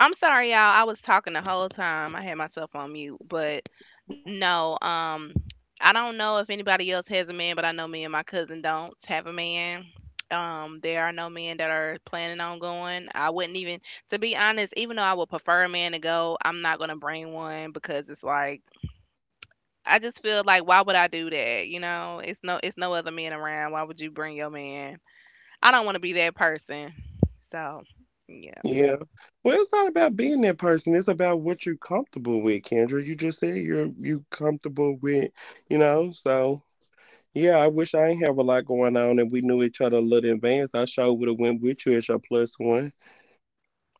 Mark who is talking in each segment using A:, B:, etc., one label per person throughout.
A: I'm sorry, y'all. I was talking the whole time. I had myself on mute, but no. I don't know if anybody else has a man, but I know me and my cousin don't have a man. There are no men that are planning on going. I wouldn't even, to be honest, even though I would prefer a man to go, I'm not gonna bring one because it's like I just feel like why would I do that? You know, it's no other men around. Why would you bring your man? I don't want to be that person. So, yeah,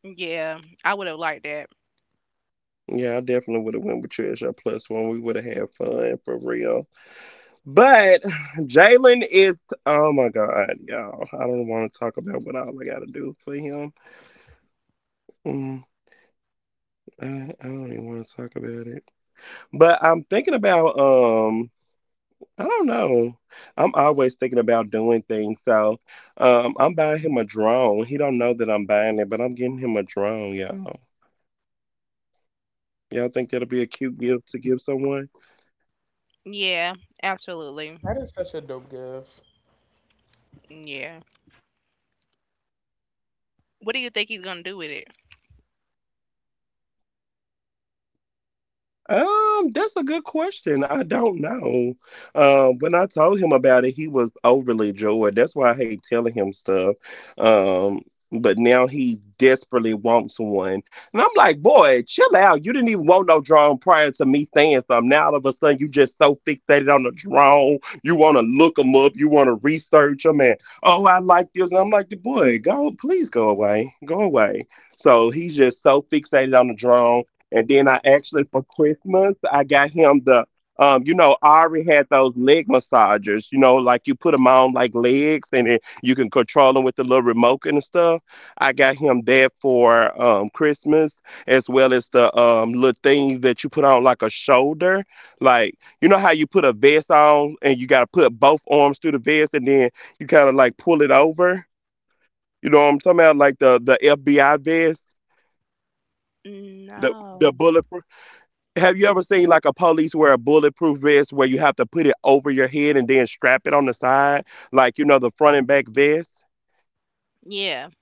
A: yeah, I would have liked that. Yeah, absolutely.
B: That is such a dope gift.
A: Yeah. What do you think he's gonna do with it? No. Yeah.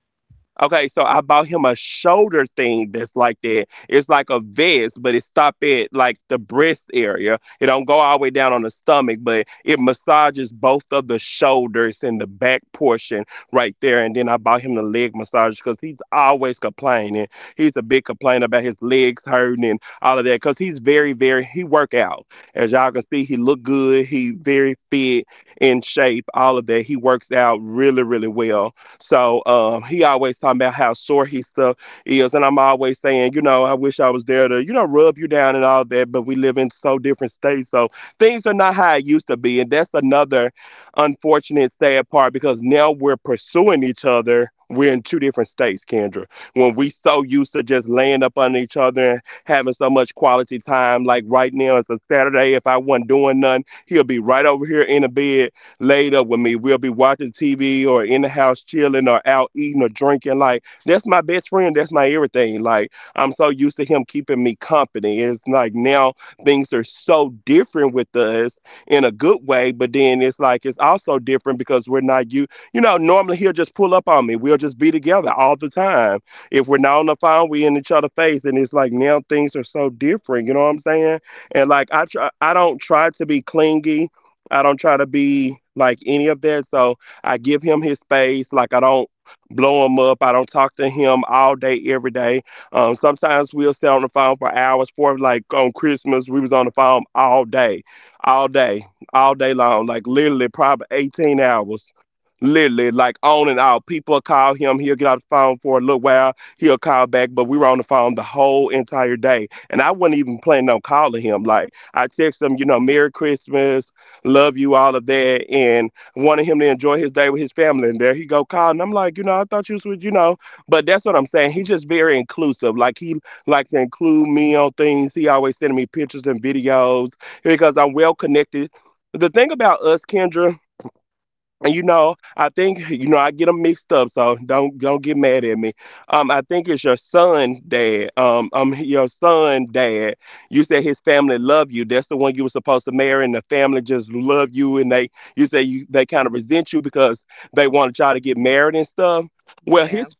A: Yeah.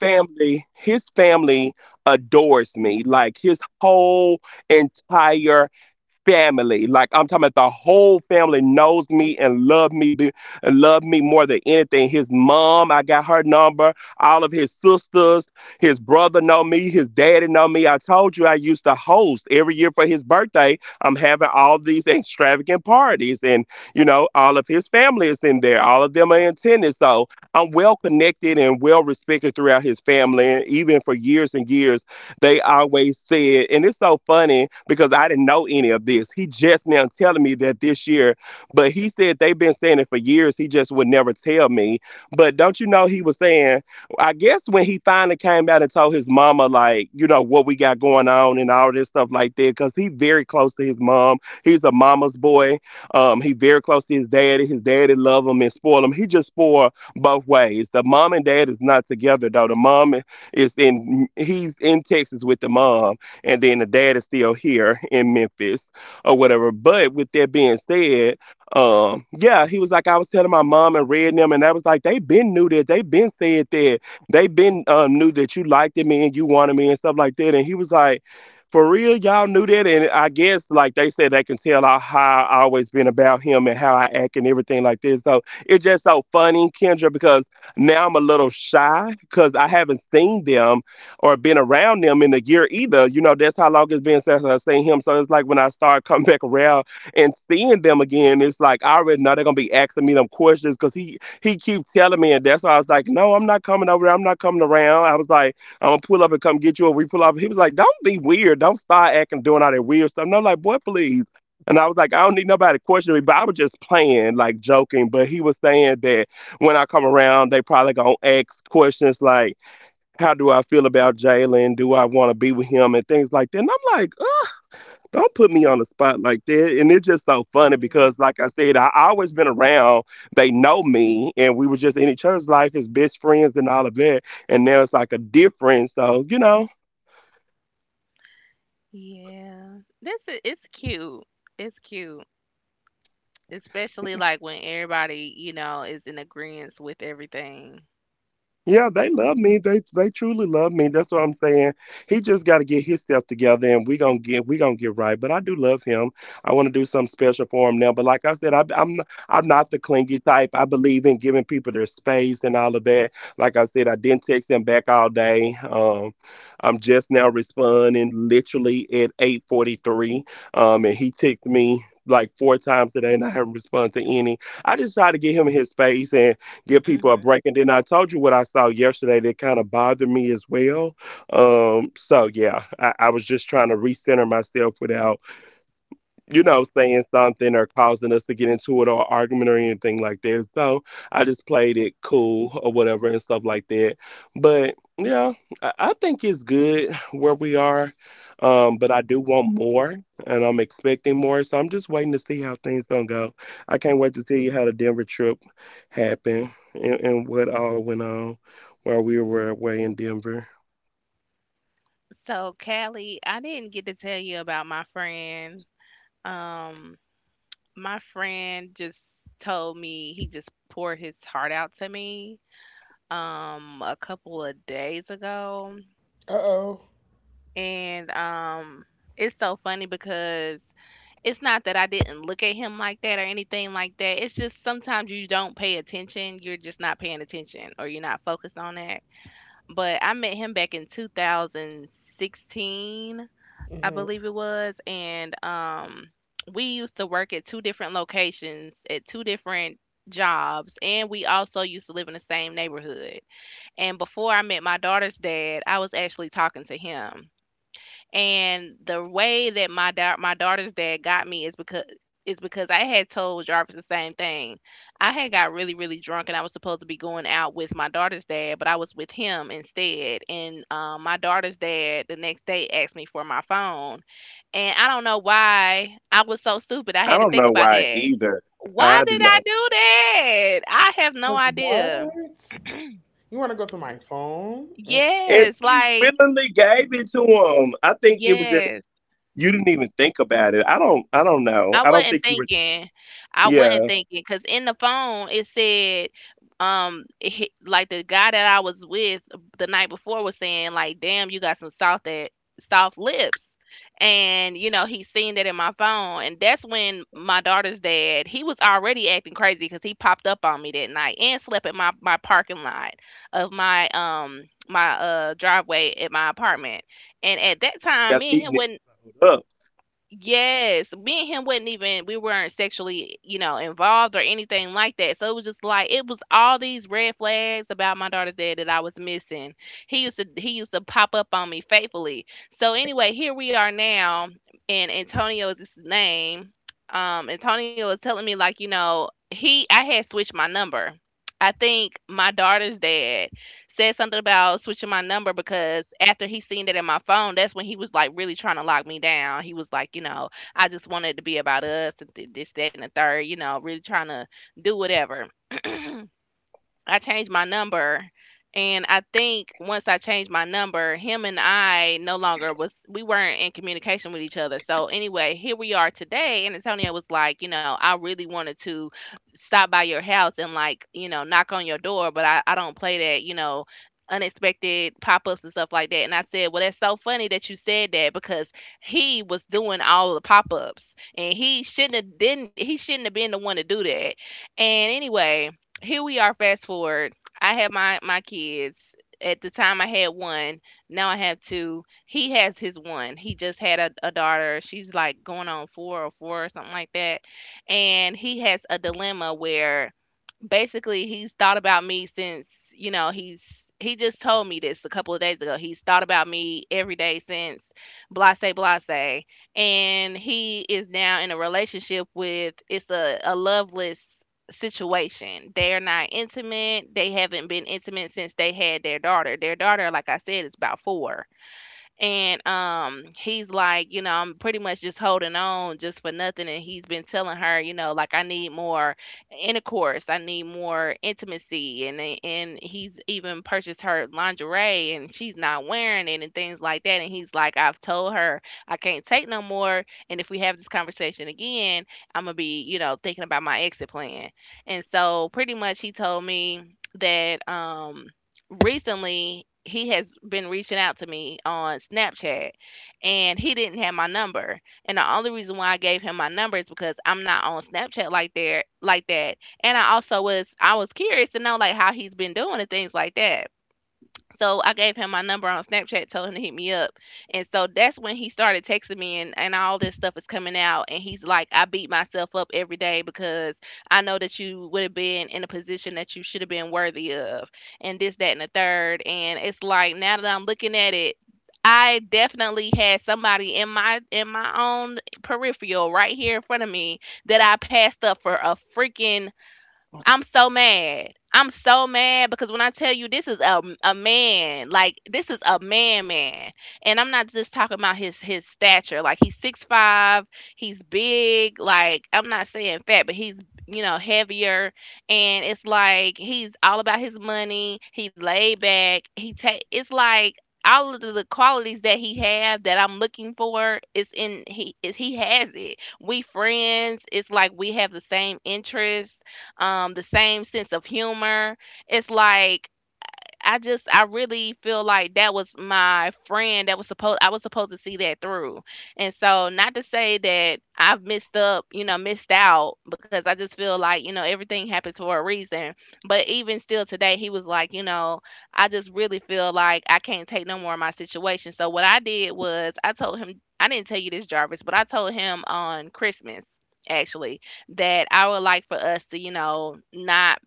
A: Mm. Yeah. This is it's cute. It's cute. Especially like when everybody, you know, is in agreement with everything. Hmm. So, Callie, I didn't get to tell you about my friend. Um, my friend just told me he just poured his heart out to me a couple of days ago.
B: Uh oh.
A: And it's so funny because it's not that I didn't look at him like that or anything like that. It's just sometimes you don't pay attention. You're just not paying attention or you're not focused on that. But I met him back in 2016, I
B: Mm-hmm.
A: believe it was, and we used to work at two different locations at two different jobs, and we also used to live in the same neighborhood. And before I met my daughter's dad, I was actually talking to him, and the way that my daughter's dad got me is because I had told Jarvis the same thing. I had got really really drunk and I was supposed to be going out with my daughter's dad, but I was with him instead. And my daughter's dad the next day asked me for my phone, and I don't know why I was so stupid. I had to think about that. Why did I do that? I have no
B: Cause
A: idea.
B: what? You want to go through my phone?
A: Yes, like yes. I wasn't thinking. I wasn't thinking because in the phone it said, like the guy that I was with the night before was saying, like, damn, you got some soft lips, and you know he seen that in my phone, and that's when my daughter's dad he was already acting crazy because he popped up on me that night and slept in my parking lot of my driveway at my apartment, and at that time me and him wasn't Yes, me and him wasn't even we weren't sexually, you know, involved or anything like that. So it was just like it was all these red flags about my daughter's dad that I was missing. He used to pop up on me faithfully. So anyway, here we are now, and Antonio is his name. Antonio was telling me like, you know, he I had switched my number. I think my daughter's dad said something about switching my number because after he seen that in my phone, that's when he was like really trying to lock me down. He was like, you know, I just wanted it to be about us and this, that, and the third, you know, really trying to do whatever. I changed my number, and I think once I changed my number, him and I no longer was we weren't in communication with each other. So anyway, here we are today, and Antonio was like, you know, I really wanted to stop by your house and, like, you know, knock on your door, but I don't play that, you know. Unexpected pop ups and stuff like that. And I said, well, that's so funny that you said that because he was doing all the pop ups and he shouldn't have been the one to do that. And anyway, here we are, fast forward, I had my kids. At the time I had one, now I have two. He has his one. He just had a daughter. She's like going on four or something like that, and he has a dilemma where basically he's thought about me since, you know, he's he just told me this a couple of days ago, he's thought about me every day since, blase blase, and he is now in a relationship with, it's a loveless situation. They're not intimate. They haven't been intimate since they had their daughter. Their daughter, like I said, is about four, and he's like, you know, I'm pretty much just holding on just for nothing, and he's been telling her, you know, like, I need more intercourse, I need more intimacy, and he's even purchased her lingerie and she's not wearing it and things like that, and he's like, I've told her I can't take no more, and if we have this conversation again, I'm gonna be, you know, thinking about my exit plan. And so pretty much he told me that recently he has been reaching out to me on Snapchat, and he didn't have my number. And the only reason why I gave him my number is because I'm not on Snapchat like there like that. And I also was I was curious to know like how he's been doing and things like that. So I gave him my number on Snapchat, told him to hit me up. And so that's when he started texting me, and all this stuff is coming out. And he's like, I beat myself up every day because I know that you would have been in a position that you should have been worthy of, and this, that, and the third. And it's like now that I'm looking at it, I definitely had somebody in my own peripheral right here in front of me that I passed up for a freaking, I'm so mad. I'm so mad because when I tell you, this is a man, like this is a man man. And I'm not just talking about his stature. Like he's 6'5", he's big, like I'm not saying fat, but he's, you know, heavier, and it's like he's all about his money, he laid back, he take, it's like all of the qualities that he have that I'm looking for is in, he has it. We friends, it's like we have the same interests, the same sense of humor. It's like I really feel like that was my friend that was supposed I was supposed to see that through. And so not to say that I've missed up, you know, missed out, because I just feel like, you know, everything happens for a reason. But even still today he was like, you know, I just really feel like I can't take no more of my situation. So what I did was I told him, I didn't tell you this Jarvis, but I told him on Christmas actually that I would like for us to, you know, not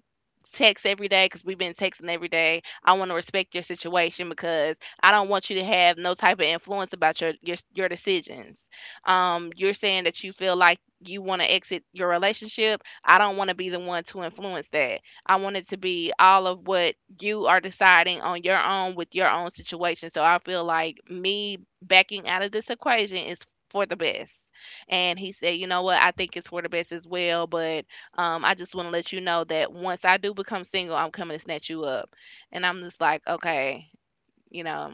A: text every day because we've been texting every day. I want to respect your situation because I don't want you to have no type of influence about your decisions. You're saying that you feel like you want to exit your relationship. I don't want to be the one to influence that. I want it to be all of what you are deciding on your own with your own situation. So I feel like me backing out of this equation is for the best. And he said, you know what? I think it's for the best as well, but I just want to let you know that once I do become single, I'm coming to snatch you up. And I'm just like, okay, you know,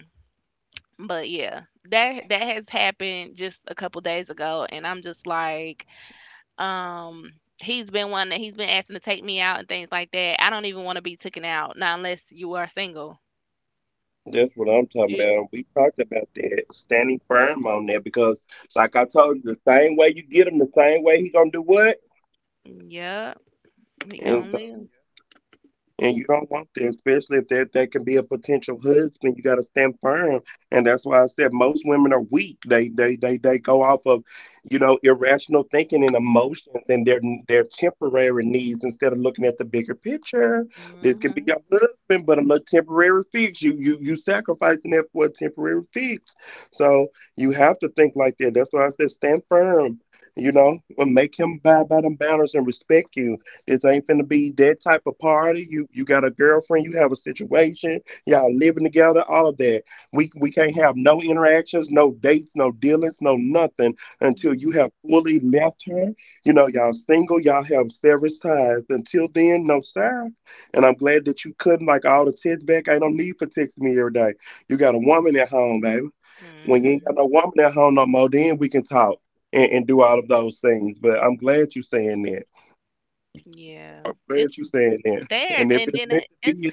A: but yeah, that that has happened just a couple days ago, and I'm just like, um, he's been one that he's been asking to take me out and things like that. I don't even want to be taken out, not unless you are single.
B: Hey,
A: Yep, we gonna live. Mhm. Mhm. Mhm. Yeah, it's there, and then it, it's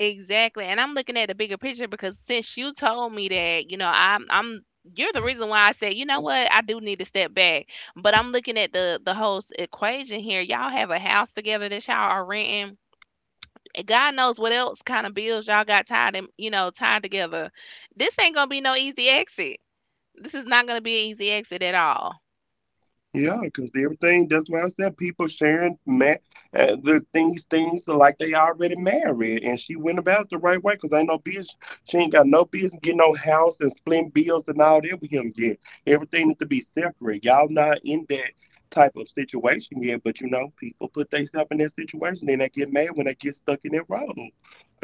A: exactly. And I'm looking at the bigger picture because since you told me that, you know, I'm you're the reason why I said, you know what, I do need to step back. But I'm looking at the whole equation here. Y'all have a house together that y'all are renting, and God knows what else kind of bills y'all got tied in, you know, tied together. This ain't gonna be no easy exit. This is not gonna be an easy exit at all.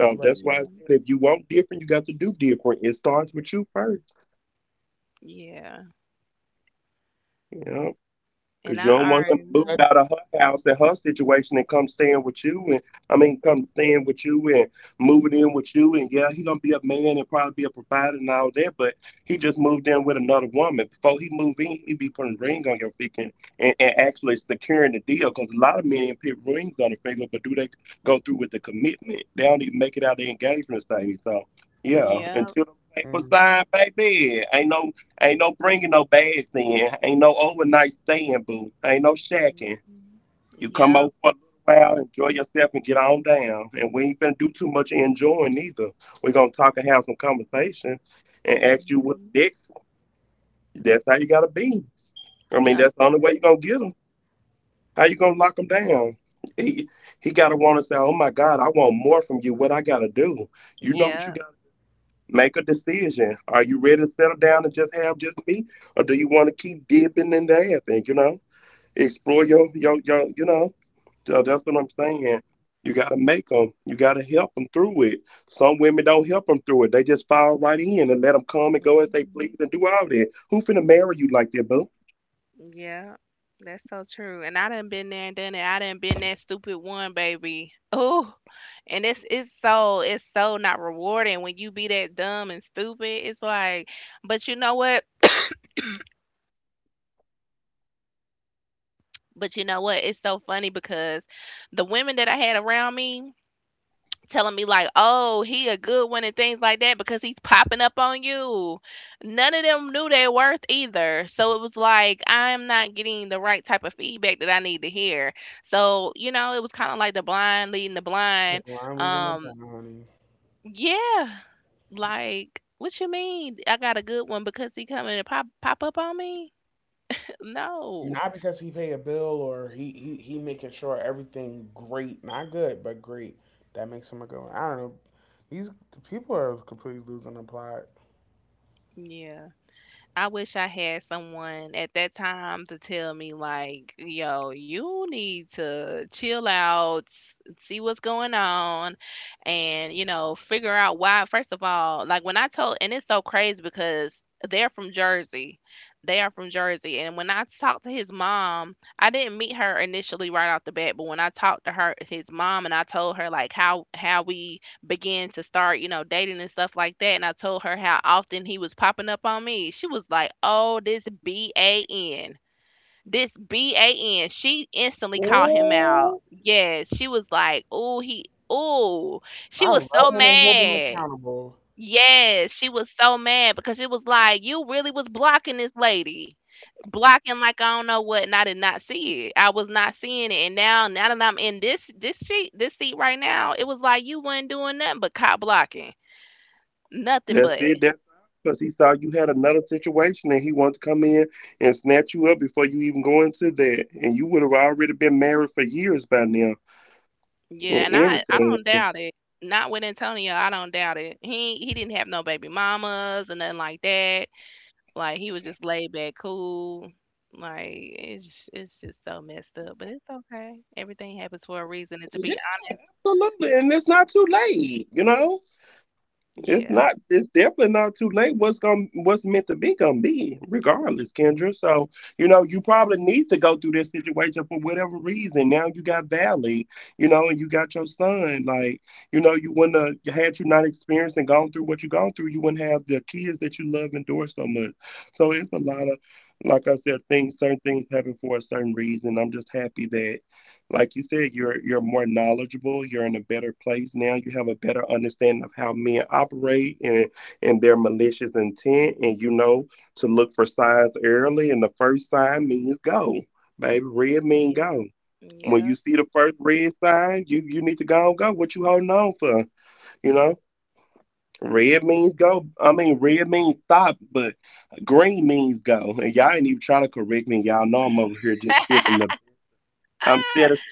B: right.
A: Yeah. Yeah. And I
B: So
A: already know.
B: that's
A: Yep.
B: mm,
A: Hmm. Yep. Hmm. I swear. Yep. Mhm. Yeah, that's so true. And I done been there and done it. I done been that stupid one, baby. Oh, and it's so not rewarding when you be that dumb and stupid. It's like, but you know what? But you know what? It's so funny because the women that I had around me, telling me like, "Oh, he a good one" and things like that because he's popping up on you. None of them knew their worth either. So it was like I'm not getting the right type of feedback that I need to hear. So, you know, it was kind of like the blind leading the
B: the
A: blind.
B: blind leading the
A: Um
B: blind, honey.
A: yeah, like what you mean? I got a good one because he coming and pop up on me? No.
B: Not because he pay a bill or he making sure everything great, not good, but great. That makes him a good one. I don't know. These people are completely losing the plot.
A: Yeah. I wish I had someone at that time to tell me like, "Yo, you need to chill out, see what's going on, and you know, figure out why." First of all, like when I told, and it's so crazy because they're from Jersey. They are from Jersey, and when I talked to his mom, I didn't meet her initially right off the bat, but when I talked to her, his mom, and I told her like how we began to start, you know, dating and stuff like that. And I told her how often he was popping up on me. She was like, oh, this BAN. This BAN. She instantly called him out.
B: Ooh,
A: Yes. She was like, oh, he, oh. She
B: I
A: was
B: love
A: so
B: when they hold them
A: mad.
B: accountable.
A: Yes, she was so mad because it was like you really was blocking this lady. Blocking like I don't know what, and I did not see it. I was not seeing it. And now that I'm in this seat right now, it was like you wasn't doing nothing but cop blocking. Nothing but. Yeah, and I don't doubt it. Not with Antonio, I don't doubt it. He didn't have no baby mamas and nothing like that. Like he was just laid back, cool. Like it's just so messed up, but it's okay. Everything happens for a reason. And to be honest, yeah, yeah, yeah. Ah!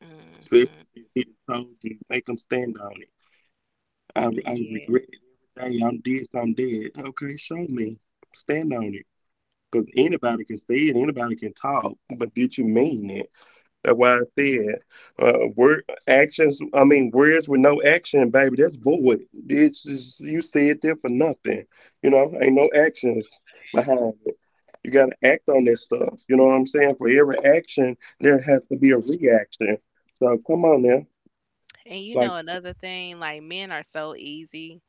A: Hmm. Yeah. And you know another thing, like men are so easy.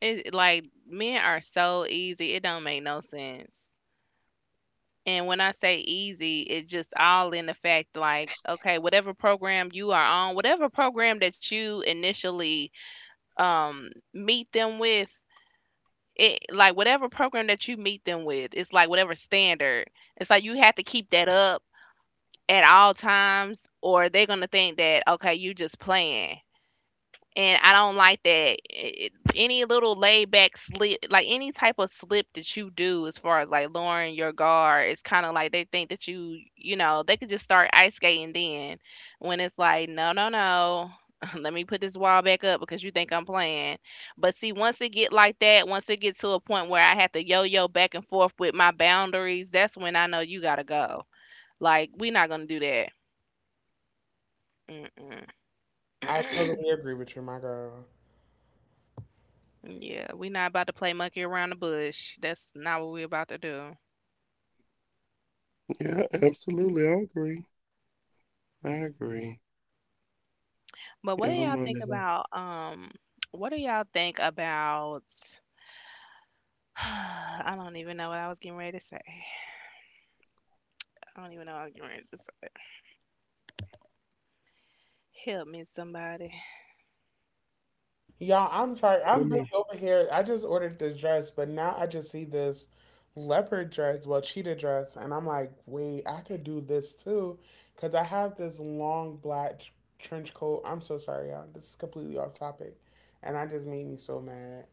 A: It like men are so easy. It don't make no sense. And when I say easy, it's just all in the fact like, okay, whatever program you are on, whatever program that you initially meet them with, it like whatever program that you meet them with, it's like whatever standard. It's like you have to keep that up at all times, or they're gonna think that okay, you just playing, and I don't like that. Any little laid back slip, like any type of slip that you do, as far as like lowering your guard, it's kind of like they think that you know, they could just start ice skating then. When it's like, no, no, no, let me put this wall back up because you think I'm playing. But see, once it get like that, once it get to a point where I have to yo-yo back and forth with my boundaries, that's when I know you gotta go. Like, we're not gonna do that. Mm-mm.
B: I totally agree with you, my girl.
A: Yeah, we're not about to play monkey around the bush. That's not what we're about to do. But what do y'all think about what do y'all think about I don't even know what I was getting ready to say. I don't even know what I was getting ready to say. Help me somebody.
B: Y'all, I'm sorry. I'm really over here. I just ordered this dress, but now I just see this leopard dress, well, cheetah dress, and I'm like, wait, I could do this too. Because I have this long black trench coat. I'm so sorry, y'all. This is completely off topic. And I just made me so mad.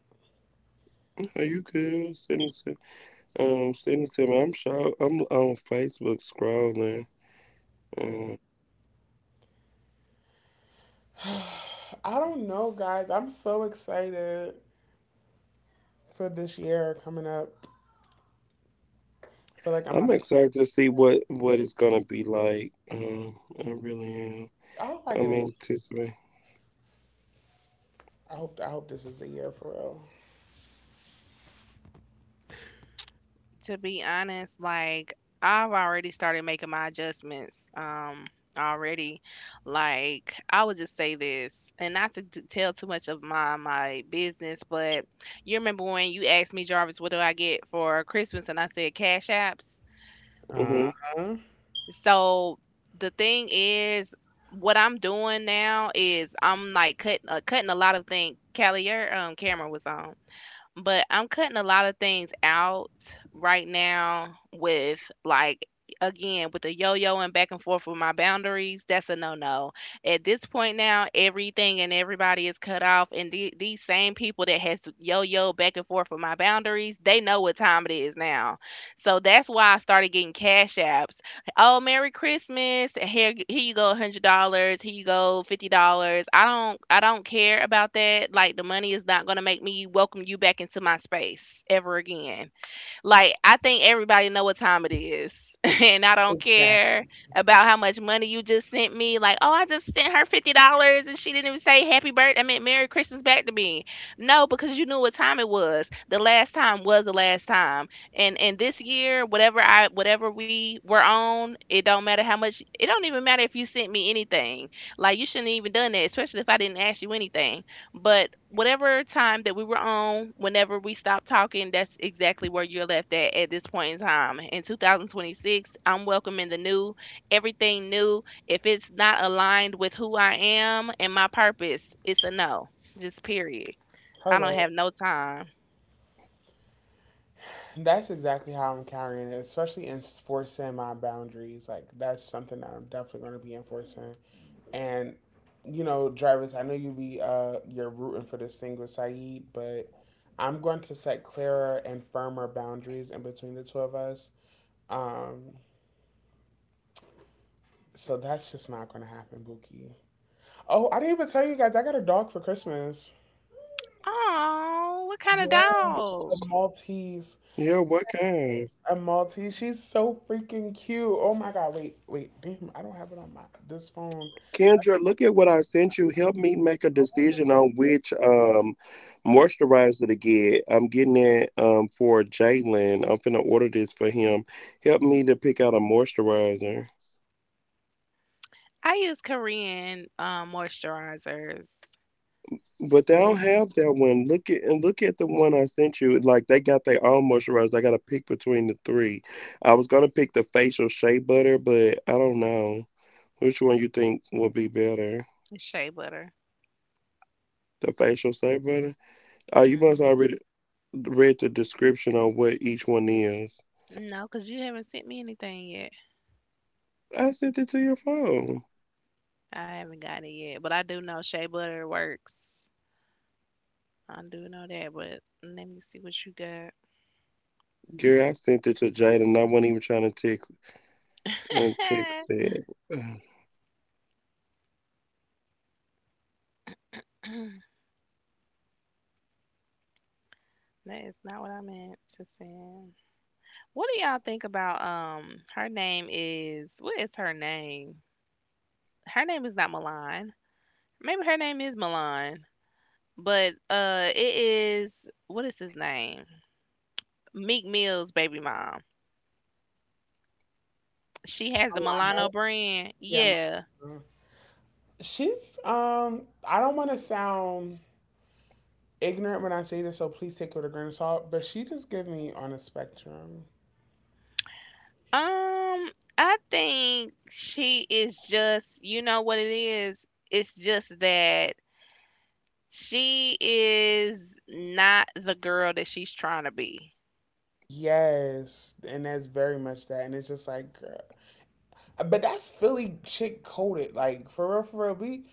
B: I don't know, guys. I'm so excited for this year coming up. I feel like I'm I hope I get it. I hope this is the year for real.
A: To be honest, like I've already started making my adjustments. Already, like I would just say this and not to tell too much of my business, but you remember when you asked me, Jarvis, what do I get for Christmas and I said cash apps,
B: Uh-huh.
A: so the thing is what I'm doing now is I'm like cutting cutting a lot of things. Callie, your camera was on, but I'm cutting a lot of things out right now, with like, again, with the yo-yo and back and forth with my boundaries, that's a no-no. At this point, now everything and everybody is cut off, and these same people that has to yo-yo back and forth with my boundaries, they know what time it is now. So that's why I started getting cash apps. "Oh, Merry Christmas. Here you go $100. Here you go $50." I don't care about that. Like the money is not going to make me welcome you back into my space ever again. Like I think everybody know what time it is. And I don't care
B: Exactly.
A: about how much money you just sent me. Like, oh, I just sent her $50, and she didn't even say happy birthday. I mean, Merry Christmas back to me. No, because you knew what time it was. The last time was the last time, and this year, whatever I whatever we were on, it don't matter how much. It don't even matter if you sent me anything. Like, you shouldn't have even done that, especially if I didn't ask you anything. But whatever time that we were on, whenever we stopped talking, that's exactly where you're left at this point in time. In 2026, I'm welcoming the new, everything new. If it's not aligned with who I am and my purpose, it's a no. Just period. I don't
B: Hello.
A: have no time.
B: And that's exactly how I'm carrying it, especially enforcing my boundaries. Like that's something that I'm definitely going to be enforcing. And you know, Jarvis, I know you be you're rooting for this thing with Saeed, but I'm going to set clearer and firmer boundaries in between the two of us. Um, so that's just not going to happen, Buki. Oh, I didn't even tell you guys I got a dog for Christmas.
A: Oh, what kind of
B: Yeah, a
A: dog?
B: Maltese. A Maltese. She's so freaking cute. Oh my god. Wait, wait. Damn, I don't have it on my this phone.
A: I use Korean moisturizers and shea butter. Hmm. No, because you haven't sent me anything. I haven't got it yet, but I do know shea butter works. I do know that, but let me see what you got. That is not what I meant to send. What do y'all think about her name is, what is her name? Her name is not Milan. Maybe her name is Milan, but it is, what is his name? Meek Mill's baby mom. She has the Milano
B: Alana,
A: brand.
B: yeah.
A: Yeah.
B: my- She's. I don't want to sound ignorant when I say this, so please take it with a grain of salt. But she just give me on a spectrum.
A: Um, I think she is just, you know what it is? It's just that she is not the girl that she's trying to be.
B: Yes, and that's very much that. And it's just like, girl. But that's Philly chick coded. Like for real, we.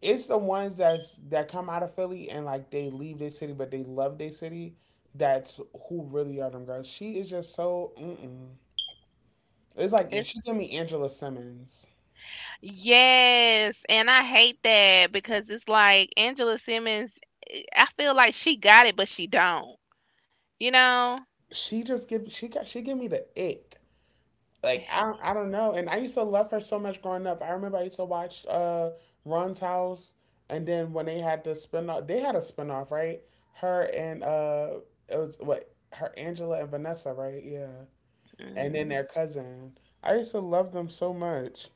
B: It's the ones that come out of Philly and like they leave their city, but they love their city. That's who really are them girls. She is just so. Mm-mm. It's like
A: It's
B: she give me Angela Simmons.
A: yes, and I hate that because it's like Angela Simmons, I feel like she got it, but she don't, you know?
B: She just give she got she give me the ick. I don't know. And I used to love her so much growing up. I remember I used to watch Ron's House, and then when they had the spinoff, they had a spinoff, right? Her and it was what her Angela and Vanessa, right? Yeah, and then
A: Mm,
B: their cousin. I used to love them so much,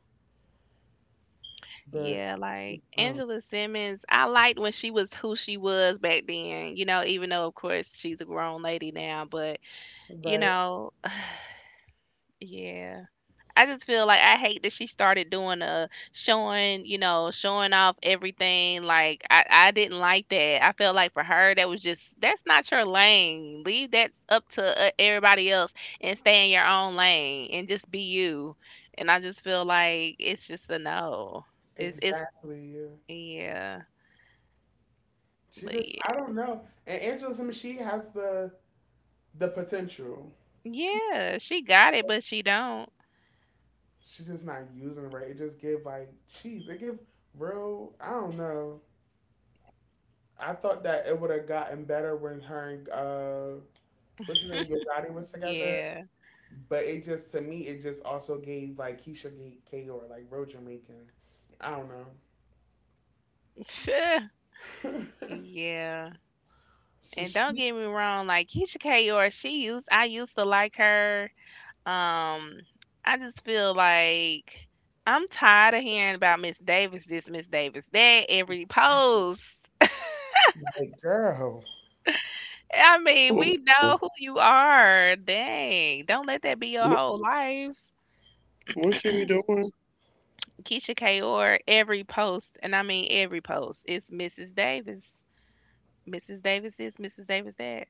B: but
A: yeah, like
B: um,
A: Angela Simmons, I liked when she was who she was back then, you know, even though, of course, she's a grown lady now, but you
B: right,
A: know, yeah. I just feel like I hate that she started doing a showing, you know, showing off everything. Like I didn't like that. I felt like for her that was just, that's not your lane. Leave that up to everybody else and stay in your own lane and just be you. And I just feel like it's just a no. It's
B: exactly. Yeah.
A: yeah,
B: She
A: but
B: just, I
A: yeah,
B: don't know. And Angela, I mean, she has the potential.
A: yeah. She got it, but she don't.
B: She just not using it right. It just give like cheese. It give real. I don't know. I thought that it would have gotten better when her and what's his name, Yo Gotti was together.
A: Yeah,
B: But it just to me, it just also gave like Keisha gave Kaor like real Jamaican. I don't know.
A: yeah.
B: so
A: And don't
B: she
A: get me wrong, like Keisha Kayor, she used I used to like her. Um, I just feel like I'm tired of hearing about Miss Davis this, Miss Davis that, every post.
B: girl,
A: I mean, we know who you are. Dang. Don't let that be your whole life. Keisha Kayor, every post, and I mean every post, it's Mrs. Davis. Mrs. Davis this, Mrs. Davis that.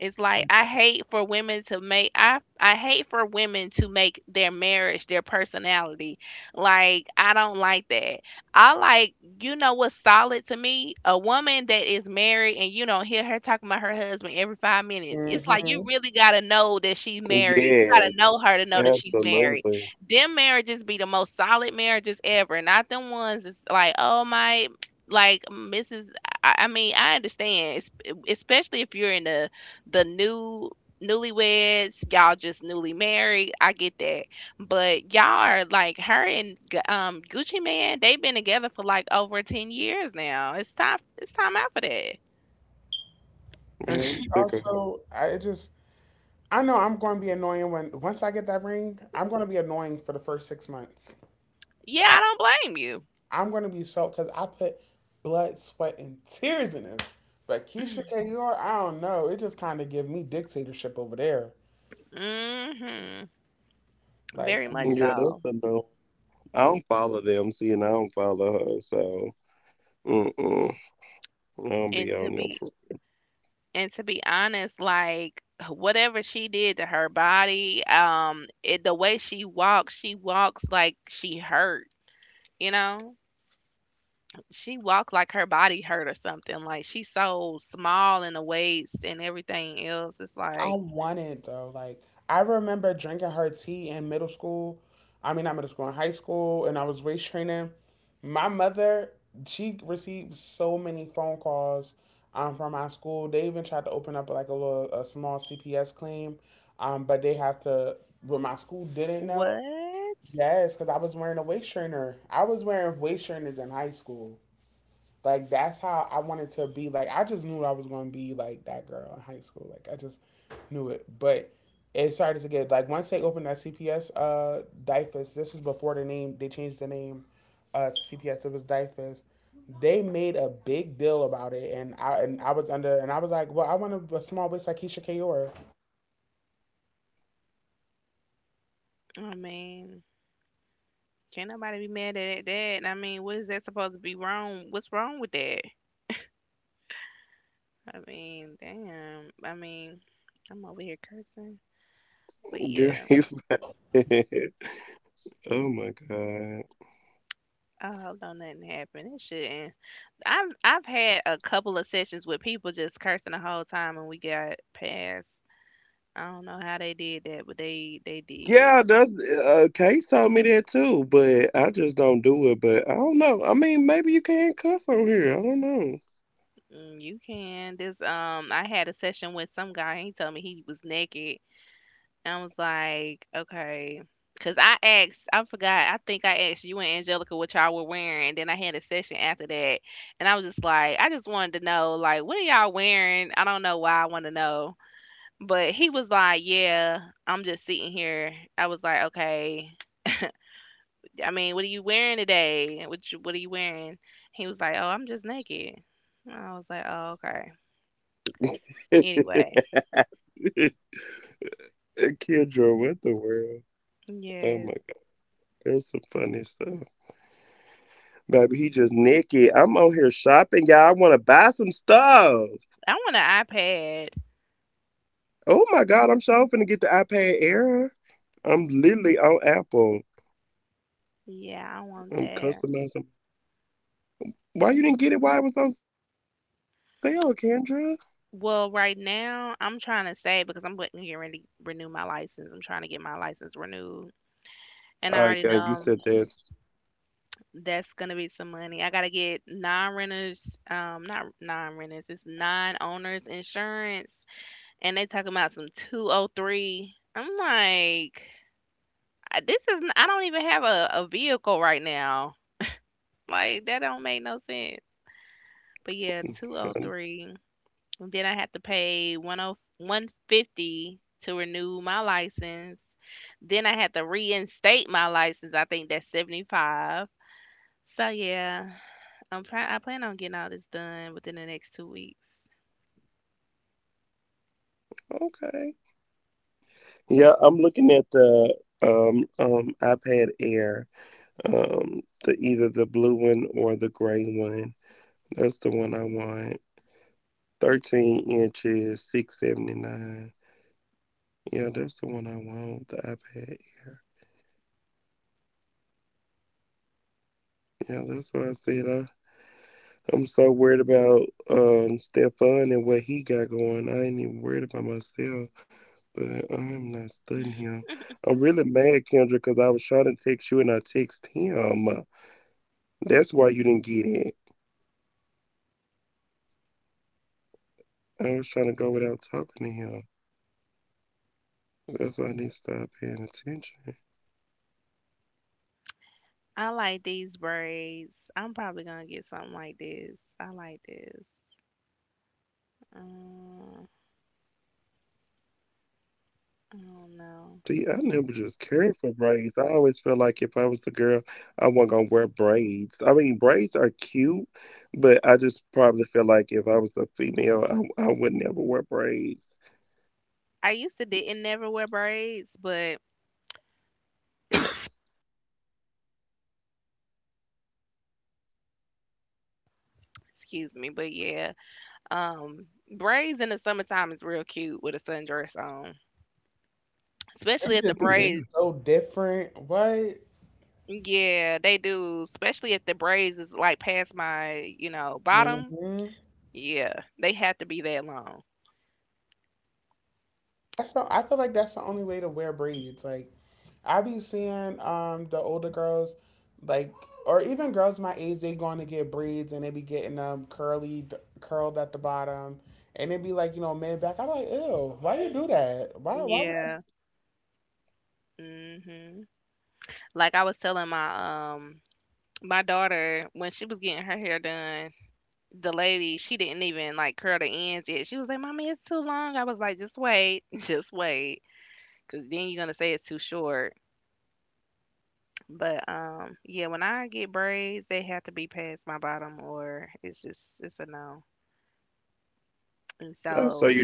A: It's like
B: like
A: I hate for women to make, I hate for women to make their marriage their personality. Like I don't like that. I like, you know what's solid to me? A woman that is married and you don't hear her talking about her husband every 5 minutes. It's like you
B: hmm
A: really got to know that she's married. You got to know her to know that she's married. Them marriages be the most solid marriages ever, not them ones that's like, "Oh my like Mrs." I mean, I understand, especially if you're in the the new newlyweds, y'all just newly married. I get that, but y'all are like her and Gucci Man. They've been together for like over 10 years now. It's time. It's time out for that.
B: and she also I know I'm going to be annoying when once I get that ring, I'm going to be annoying for the first 6 months.
A: Yeah, I don't blame you.
B: I'm gonna be so because I put blood, sweat, and tears in this. But Keisha K.R., I don't know. It just kind of give me dictatorship over there.
A: Mm-hmm.
B: Like
A: Very much so. And to be, honest, like whatever she did to her body, it, the way she walks like she hurt. You know, she walked like her body hurt or something. Like she's so small in the waist and everything else. It's
B: I
A: like
B: want it though. Like I remember drinking her tea in middle school. I mean, not middle school, in high school, and I was waist training. My mother, she received so many phone calls from my school. They even tried to open up like a small CPS claim, but they have to. But my school didn't know.
A: what?
B: Yes, because I was wearing a waist trainer. I was wearing waist trainers in high school. Like that's how I wanted to be. Like I just knew I was going to be like that girl in high school. Like I just knew it. But it started to get like once they opened that CPS uh DIFUS. This was before the name they changed the name to CPS. It was DIFUS. They made a big deal about it, and I was under and I was like, well, I want a small waist like Keisha Kayor.
A: I mean, can't nobody be mad at that. I mean, what is that supposed to be wrong? What's wrong with that? I mean, damn. I mean, I'm over here cursing. But yeah, I hope don't nothing happen. It shouldn't. I've had a couple of sessions with people just cursing the whole time, and we got past. I don't know how they did that, but they did. Mm, you can. This. I had a session with some guy and he told me he was naked. And I was like, okay. Cause I asked, I forgot, I think I asked you and Angelica what y'all were wearing. And then I had a session after that. And I was just like, I just wanted to know, like, what are y'all wearing? I don't know why I want to know. But he was like, yeah, I'm just sitting here. I was like, okay. I mean, what are you wearing today? What are you wearing? He was like, oh, I'm just naked. I was like, oh, okay. Anyway. Yes. I want an iPad. Yeah, I want that. Well, right now I'm trying to save because I'm getting ready to renew my license. I'm trying to get my license renewed. And I already know that's gonna be some money. I gotta get non-renters, not non-renters, it's non-owners insurance, and they talking about some 203. I'm like, I don't even have a vehicle right now. Like that don't make no sense. But yeah, 203. And then I had to pay one oh 150 to renew my license. Then I had to reinstate my license. I think that's 75. So yeah, I plan on getting all this done within the next 2 weeks. I like these braids. I'm probably going to get something like this. I like this. Um, I don't know. I used to didn't never wear braids, but excuse me, but yeah. Um braids in the summertime is real cute with a sundress on. Especially
B: It
A: if the
B: just it's
A: braids
B: so different. What?
A: yeah, they do. Especially if the braids is like past my, you know, bottom.
B: Hmm.
A: Yeah, they have to be that long.
B: That's the, I feel like that's the only way to wear braids. Like I be seeing the older girls, like or even girls my age, they going to get braids and they be getting them curled at the bottom, and they be like you know man back. I'm like ew, why you do that? Why would
A: Yeah. Mhm. Like I was telling my my daughter when she was getting her hair done, the lady she didn't even like curl the ends yet. She was like, "Mommy, it's too long." I was like, "Just wait, just wait, because then you're gonna say it's too short." But yeah, when I get braids, they have to be past my bottom, or it's a no. And so,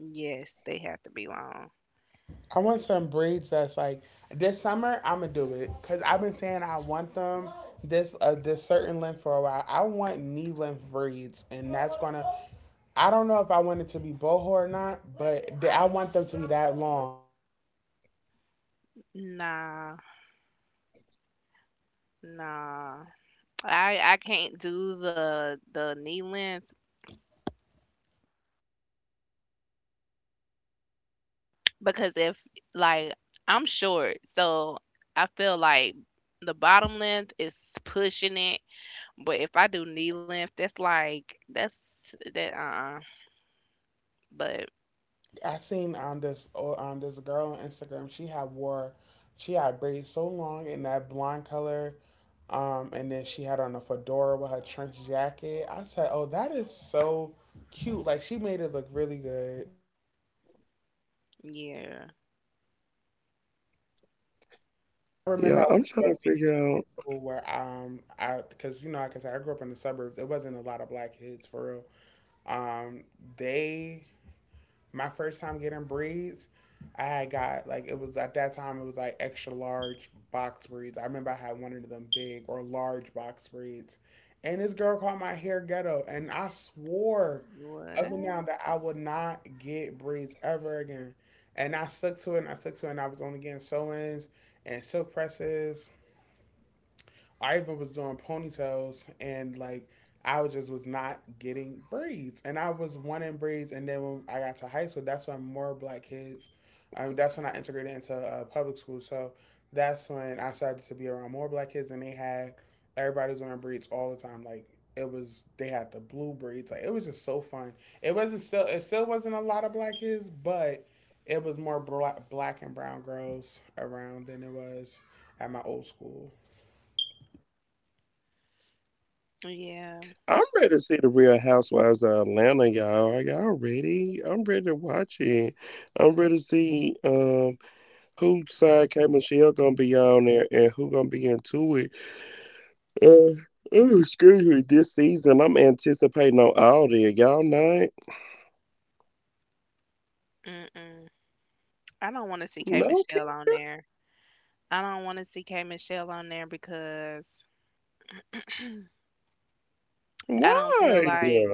A: yes, they have to be long.
B: I want some braids that's like this summer. I'm gonna do it because I've been saying I want them this certain length for a while. I want knee length braids, and that's gonna. I don't know if I want it to be boho or not, but I want them to be that long.
A: Nah, nah. I can't do the knee length because if like I'm short, so I feel like the bottom length is pushing it. But if I do knee length, that's like that's that. But
B: I seen this girl on Instagram. She had braids so long in that blonde color, and then she had on a fedora with her trench jacket. I said, oh, that is so cute. Like she made it look really good.
A: yeah,
B: I remember I went through a phase in high school where I because you know like I said I grew up in the suburbs it wasn't a lot of black kids for real um they my first time getting braids I had got like it was at that time it was like extra large box braids I remember I had one of them big or large box braids and this girl called my hair ghetto and I swore up and
A: what?
B: down that I would not get braids ever again and I stuck to it and I was only getting sew-ins and silk presses Iva was doing ponytails and like I was just was not getting braids, and I was wanting braids. And then when I got to high school, that's when more black kids. That's when I integrated into public school. So that's when I started to be around more black kids, and they had everybody was wearing braids all the time. Like they had the blue braids. Like it was just so fun. It still wasn't a lot of black kids, but it was more black, black and brown girls around than it was at my old school.
A: Yeah, mm-mm. I don't want to see K Michelle on there. I don't want to see K Michelle on there because I don't feel like,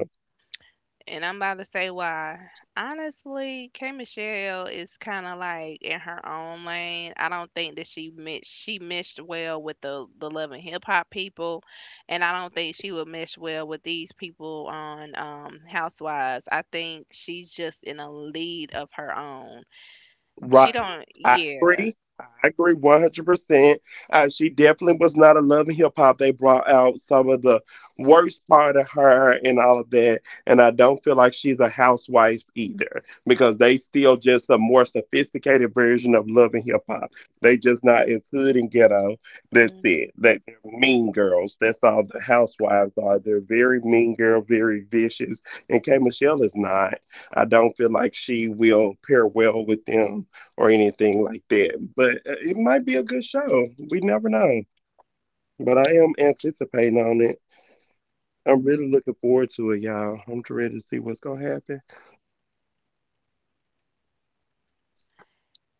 A: and I'm about to say why. Honestly, K Michelle is kind of like in her own lane. I don't think that she meshed well with the love and hip hop people, and I don't think she would mesh well with these people on Housewives. I think she's just in a lead of her own. She don't, yeah. Hmm.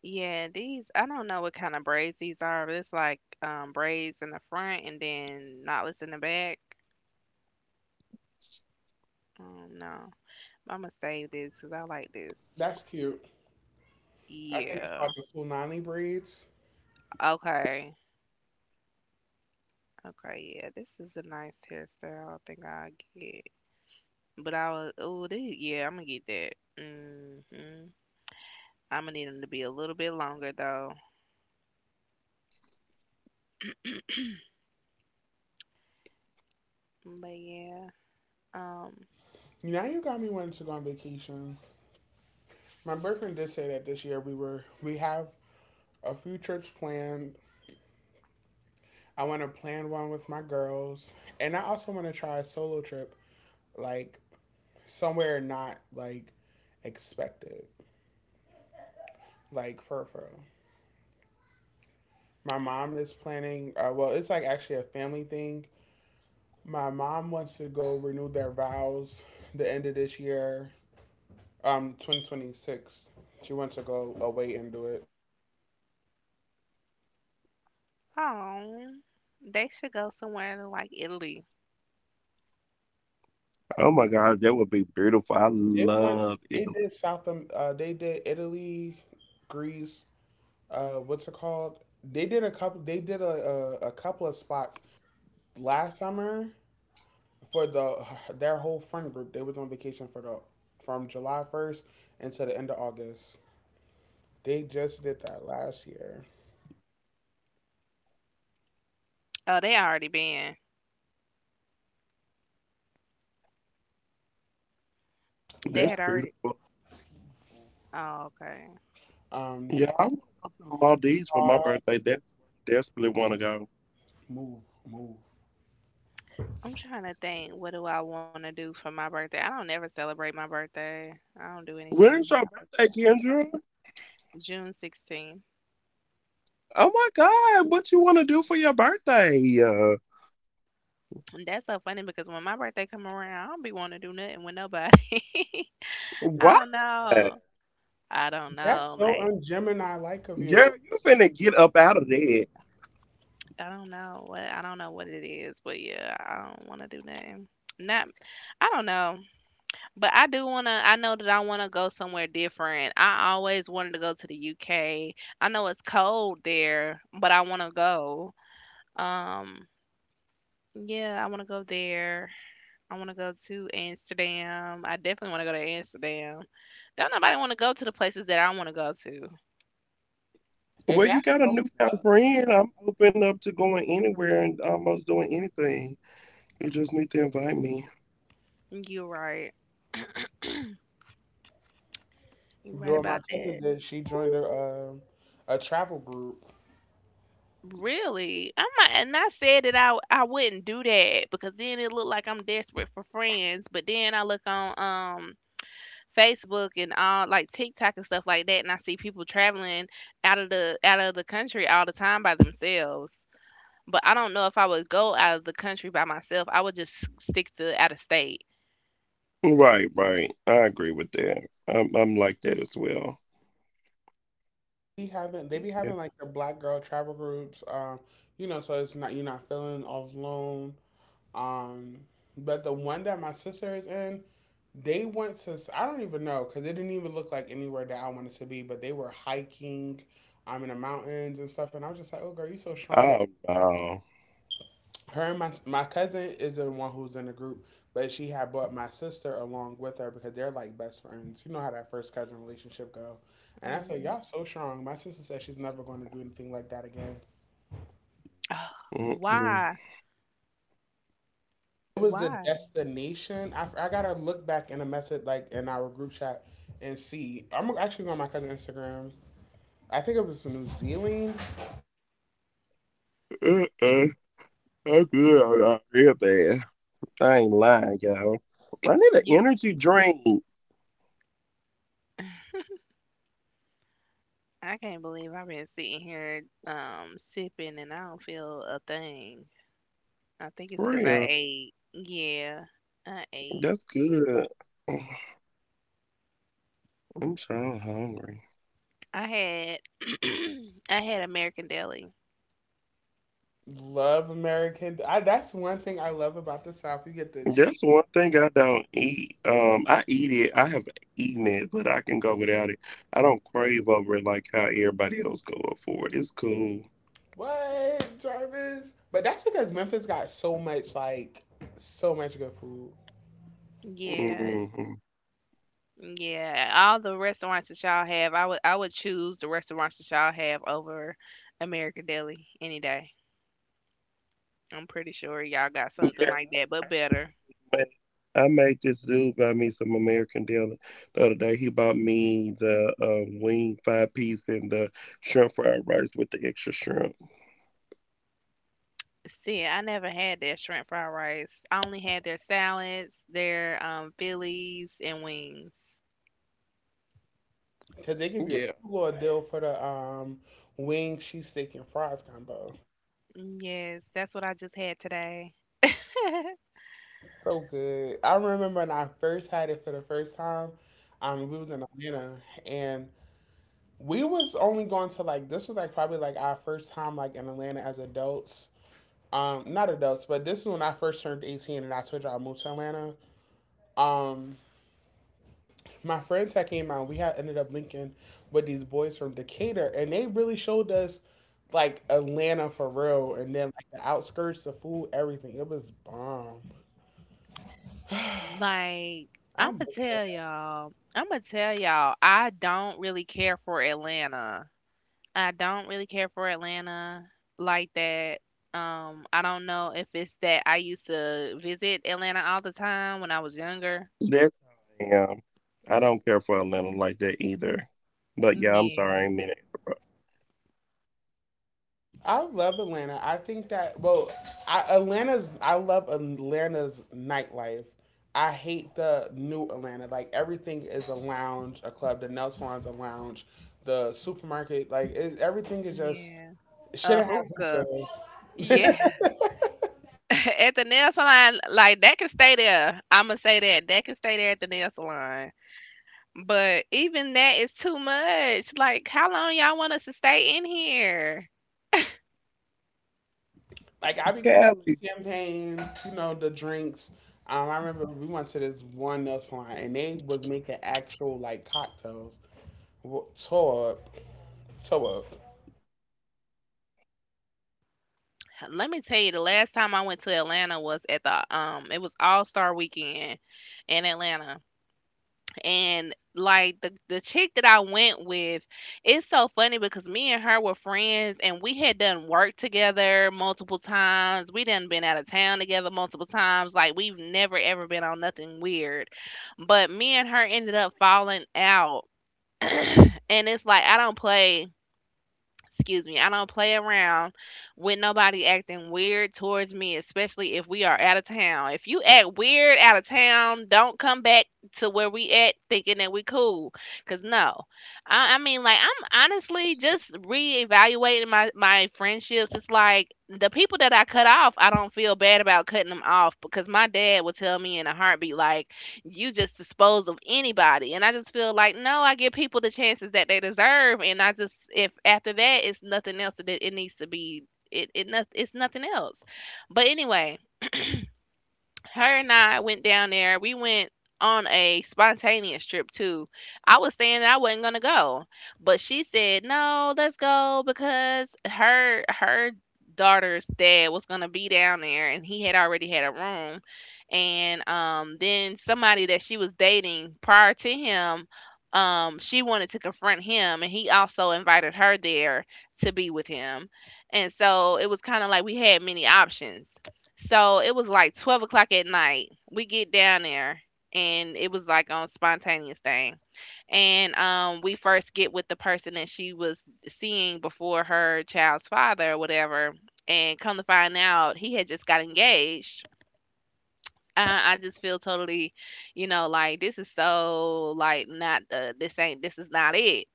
A: Yeah, these I don't know what kind of braids these are, but it's like braids in the front and then knotless in the back. No. I'm gonna save this because I like this.
B: That's cute. I think it's called
A: Yeah.
B: the Fulani braids.
A: Okay. Okay. Yeah. This is a nice hairstyle. I think I'll get. But I was. Oh, this. Yeah. I'm gonna get that. Mm-hmm. I'm gonna need them to be a little bit longer though. But yeah. Um.
B: Now you got me wanting to go on vacation. My boyfriend did say that this year we have a few trips planned. I want to plan one with my girls, and I also want to try a solo trip, like somewhere not like expected, like fur fur. My mom is planning. Well, it's like actually a family thing. My mom wants to go renew their vows the end of this year, 2026. She wants to go away and do it.
A: Oh. They should go somewhere to, like, Italy.
B: They went. They did South. They did Italy, Greece. What's it called? They did a couple. They did a couple of spots last summer for their whole friend group. They was on vacation for the from July 1st until the end of August. They just did that last year.
A: Oh, they already been. They
B: Yeah.
A: had already. Oh, okay.
B: Um. uh, move, move.
A: I'm trying to think, what do I wanna do for my birthday? I don't ever celebrate my birthday. I don't do anything for my birthday. June 16. And that's so funny because when my birthday come around, I don't be want to do nothing with nobody. I don't know. I don't
B: That's
A: know.
B: so
A: Like
B: un Gemini like of you,
A: I don't know what it is, but yeah, I don't want to do nothing. Not I don't know, but I do want to. I know that I want to go somewhere different. I always wanted to go to the UK. I know it's cold there, but I want to go. Um, yeah, I want to go there. I want to go to Amsterdam. I definitely want to go to Amsterdam. Don't nobody want to go to the places that I want to go to.
B: and that's so.
A: You're right. You're right
B: Doing my
A: about
B: cousin
A: that.
B: did. She joined a travel group
A: Really? I might, and I said that I wouldn't do that because then it looked like I'm desperate for friends. But then I look on Facebook and all like TikTok and stuff like that, and I see people traveling out of the country all the time by themselves. But I don't know if I would go out of the country by myself. I would just stick to out of state.
B: be having they be having like the black girl travel groups you know so it's not you're not feeling all alone um but the one that my sister is in they went to I don't even know because it didn't even look like anywhere that I wanted to be but they were hiking in the mountains and stuff and I was just like oh girl you so strong her and my cousin is the one who's in the group, but she had brought my sister along with her because they're like best friends. You know how that first cousin relationship go. And I said,
A: Mm.
B: Y'all so strong. My sister said she's never going to do anything like that again.
A: Why?
B: It was the
A: Why?
B: destination. I gotta look back in a message like in our group chat and see. I'm actually going on my cousin's Instagram. I think it was New Zealand.
A: You, I can't believe I've been sitting here sipping and I don't feel a thing. I think it's 'cause I ate. Yeah, I ate. I had I had American Deli.
B: Love American. That's one thing I love about the South. You get the What, Jarvis? But that's because Memphis got so much so much good food.
A: Yeah, yeah. All the restaurants that y'all have, I would choose the restaurants that y'all have over American Deli any day. I'm pretty sure y'all got something like that, but better. See, I never had their shrimp fried rice. I only had their salads, their Phillies, and wings.
B: Cause they give you a little deal for the wings, cheese steak and fries combo.
A: Mm. Yes, that's what I just had today.
B: So good. I remember when I first had it for the first time. We was in Atlanta and we was only going to like this was like probably like our first time like in Atlanta as adults. Not adults, but this is when I first turned 18 and I told you I moved to Atlanta. Um, my friends had came out, we had ended up linking with these boys from Decatur, and they really showed us like Atlanta for real, and then like the outskirts, the food, everything. It was bomb.
A: Like,
B: I miss that.
A: I'm gonna tell y'all, I don't really care for Atlanta. I don't really care for Atlanta like that. I don't know if it's that I used to visit Atlanta all the time when I was younger. Yeah,
B: I love Atlanta. I think that well, I, Atlanta's. I love Atlanta's nightlife. I hate the new Atlanta. Like everything is a lounge, a club. The nail salon's a lounge. The supermarket, like it, everything is just
A: yeah. A
B: shouldn't have hookah.
A: hookah. Yeah. at the nail salon, like that can stay there. I'ma say that. That can stay there at the nail salon. But even that is too much. Like, how long y'all want us to stay in here?
B: Like I be cool with the champagne, you know, the drinks. I remember we went to this one nail salon and they was making actual like cocktails. Well, toe up, toe up.
A: Let me tell you, the last time I went to Atlanta was at the it was All Star Weekend in Atlanta. And like the chick that I went with, it's so funny because me and her were friends and we had done work together multiple times. We done been out of town together multiple times. Like we've never ever been on nothing weird. But me and her ended up falling out. And it's like I don't play excuse me, I don't play around with nobody acting weird towards me, especially if we are out of town. If you act weird out of town, don't come back to where we at thinking that we cool. Cause no, I mean, like I'm honestly just reevaluating my friendships. It's like the people that I cut off, I don't feel bad about cutting them off because my dad would tell me in a heartbeat, like, you just dispose of anybody. And I just feel like no, I give people the chances that they deserve, and I just if after that it's nothing else that it needs to be. It's nothing else but anyway her and I went down there. We went on a spontaneous trip too. I was saying that I wasn't gonna go, but she said no, let's go because her daughter's dad was gonna be down there and he had already had a room and then somebody that she was dating prior to him she wanted to confront him and he also invited her there to be with him and so it was kind of like we had many options so it was like 12 o'clock at night. We get down there and it was like on spontaneous thing. And we first get with the person that she was seeing before her child's father or whatever. And come to find out he had just got engaged. I just feel totally, you know, like this is so like not this ain't this is not it,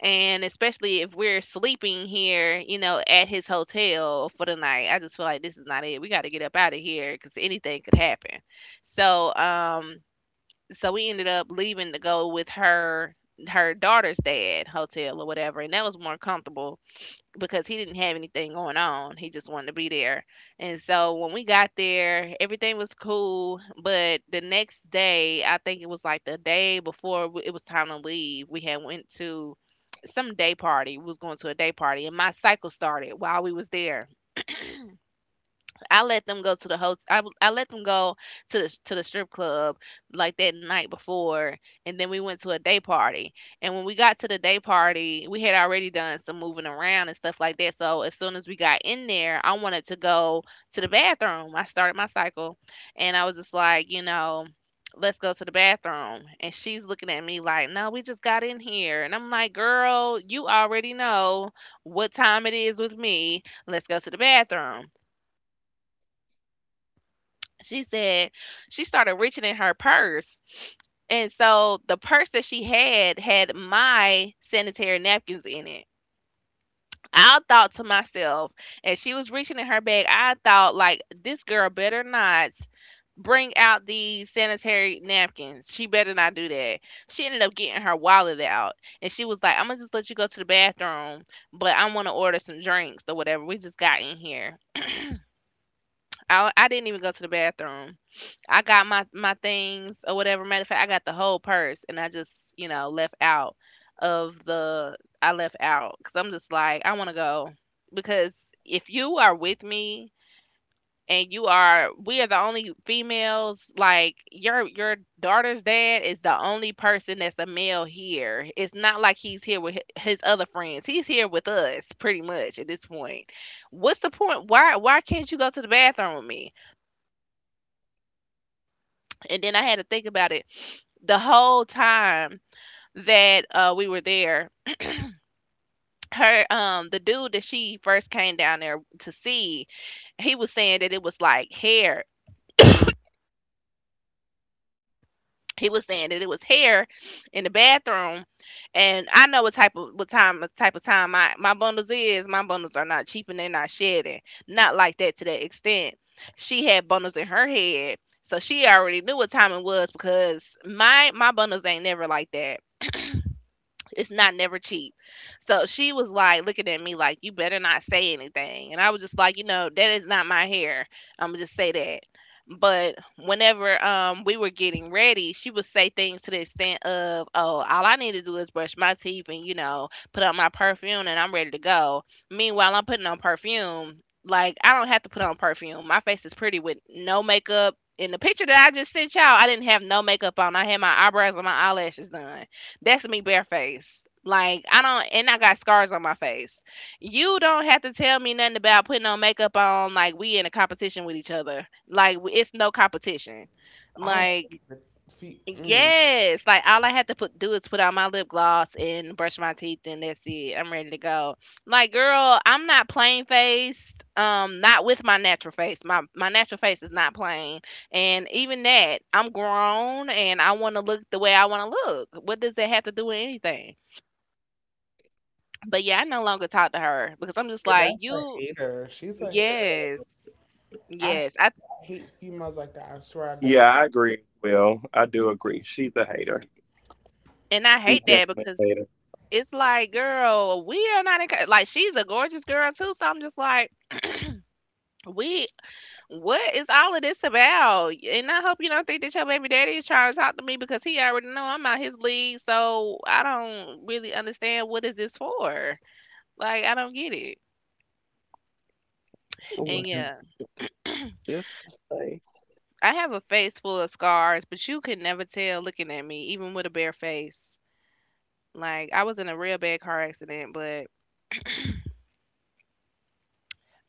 A: and especially if we're sleeping here, you know, at his hotel for the night. I just feel like this is not it. We got to get up out of here because anything could happen. So so we ended up leaving to go with her daughter's dad hotel or whatever, and that was more comfortable because he didn't have anything going on. He just wanted to be there. And so when we got there, everything was cool. But the next day, I think it was like the day before it was time to leave, we had went to some day party. We was going to a day party, and my cycle started while we was there. I let them go to the host. I let them go to the strip club like that night before, and then we went to a day party. And when we got to the day party, we had already done some moving around and stuff like that. So as soon as we got in there, I wanted to go to the bathroom. I started my cycle, and I was just like, you know. Let's go to the bathroom. And she's looking at me like, no, we just got in here. And I'm like, girl, you already know what time it is with me. Let's go to the bathroom. She said, she started reaching in her purse. And so the purse that she had had my sanitary napkins in it. I thought to myself, as she was reaching in her bag, I thought, like, this girl better not bring out these sanitary napkins. She better not do that. She ended up getting her wallet out and she was like, I'm gonna just let you go to the bathroom, but I wanna order some drinks or whatever. We just got in here. I didn't even go to the bathroom. I got my things or whatever. Matter of fact, I got the whole purse, and I just left out of the. I left out because I'm just like I want to go, because if you are with me and you are we are the only females. Like your daughter's dad is the only person that's a male here. It's not like he's here with his other friends, he's here with us pretty much at this point. What's the point? Why can't you go to the bathroom with me? And then I had to think about it. The whole time that we were there, her the dude that she first came down there to see, he was saying that it was like hair. He was saying that it was hair in the bathroom, and I know what type of time my bundles is. My bundles are not cheap and they're not shedding, not like that to that extent. She had bundles in her head, so she already knew what time it was because my bundles ain't never like that. It's not never cheap. So she was like looking at me like, you better not say anything. And I was just like, you know, that is not my hair. I'm going to just say that. But whenever we were getting ready, she would say things to the extent of, oh, all I need to do is brush my teeth and, you know, put on my perfume and I'm ready to go. Meanwhile, I'm putting on perfume. Like, I don't have to put on perfume. My face is pretty with no makeup. In the picture that I just sent y'all, I didn't have no makeup on. I had my eyebrows and my eyelashes done. That's me barefaced. Like I don't, and I got scars on my face. You don't have to tell me nothing about putting on makeup on. Like we in a competition with each other. Like it's no competition.
B: I
A: Like,
B: hate the feet. Mm.
A: yes, like all I have to put do is put on my lip gloss and brush my teeth, and that's it. I'm ready to go. Like, girl, I'm not plain faced. Not with my natural face. My natural face is not plain, and even that, I'm grown and I want to look the way I want to look. What does that have to do with anything? But yeah, I no longer talk to her because I'm just
B: Yeah,
A: like
B: that's a
A: you.
B: hater. She's a.
A: Yes,
B: I
A: yes. I
B: hate females like that. I swear I do.
A: and I hate that because it's like, girl, we are not in, like she's a gorgeous girl too. So I'm just like, we, what is all of this about? And I hope you don't think that your baby daddy is trying to talk to me because he already know I'm out his league. So I don't really understand what is this for. Like I don't get it. And yeah, I have a face full of scars, but you can never tell looking at me, even with a bare face. Like I was in a real bad car accident, but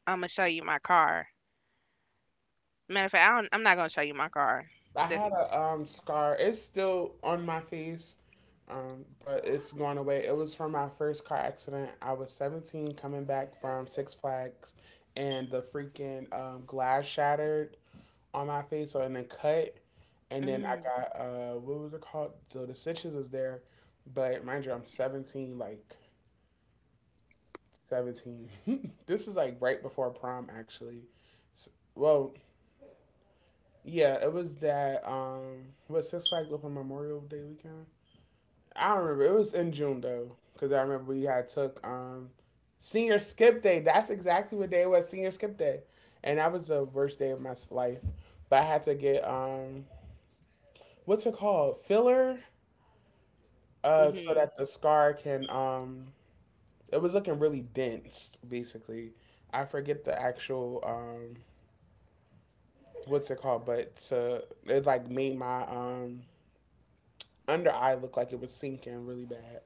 A: I'm gonna show you my car. Matter of fact, I don't, I'm not gonna show you my car.
B: I
A: That's
B: had a scar. It's still on my face, but it's going away. It was from my first car accident. I was 17 coming back from Six Flags, and the freaking glass shattered on my face, so in a cut. And then I
A: mm,
B: got what was it called? So the stitches is there, but mind you, I'm 17, like 17. this is like right before prom, actually. S well, yeah, it was that was Six Flags open Memorial Day weekend. I don't remember. It was in June though, because I remember we had took senior skip day. That's exactly what day it was, senior skip day, and that was the worst day of my life. But I had to get what's it called filler, so
A: hmm.
B: that the scar can it was looking really dense basically. I forget the actual what's it called, it like made my under eye look like it was sinking really bad.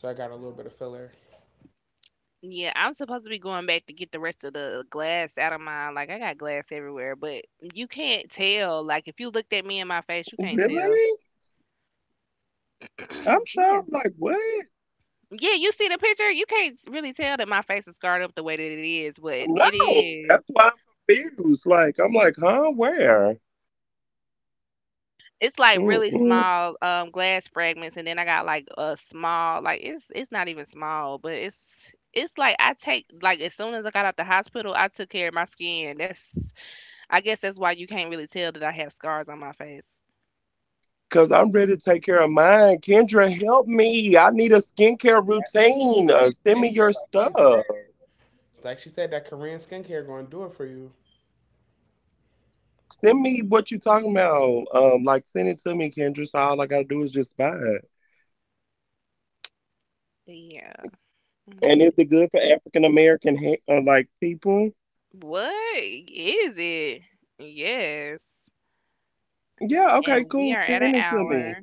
B: So I got a little bit of filler.
A: Yeah, I'm supposed to be going back to get the rest of the glass out of mine. Like I got glass everywhere, but you can't tell. Like if you looked at me in my face, you can't tell. Yeah. Yeah, you see the picture, you can't really tell that my face is scarred up the way that it is, but it is. It's like really small glass fragments, and then I got like a small, like it's not even small, but it's like I take, like as soon as I got out the hospital, I took care of my skin. That's I guess that's why you can't really tell that I have scars on my face.
B: Skincare, like she said. Like she said, that Korean skincare going to do it for you.
A: Yeah. Mm, see. What is it? Yes. And we are at an hour.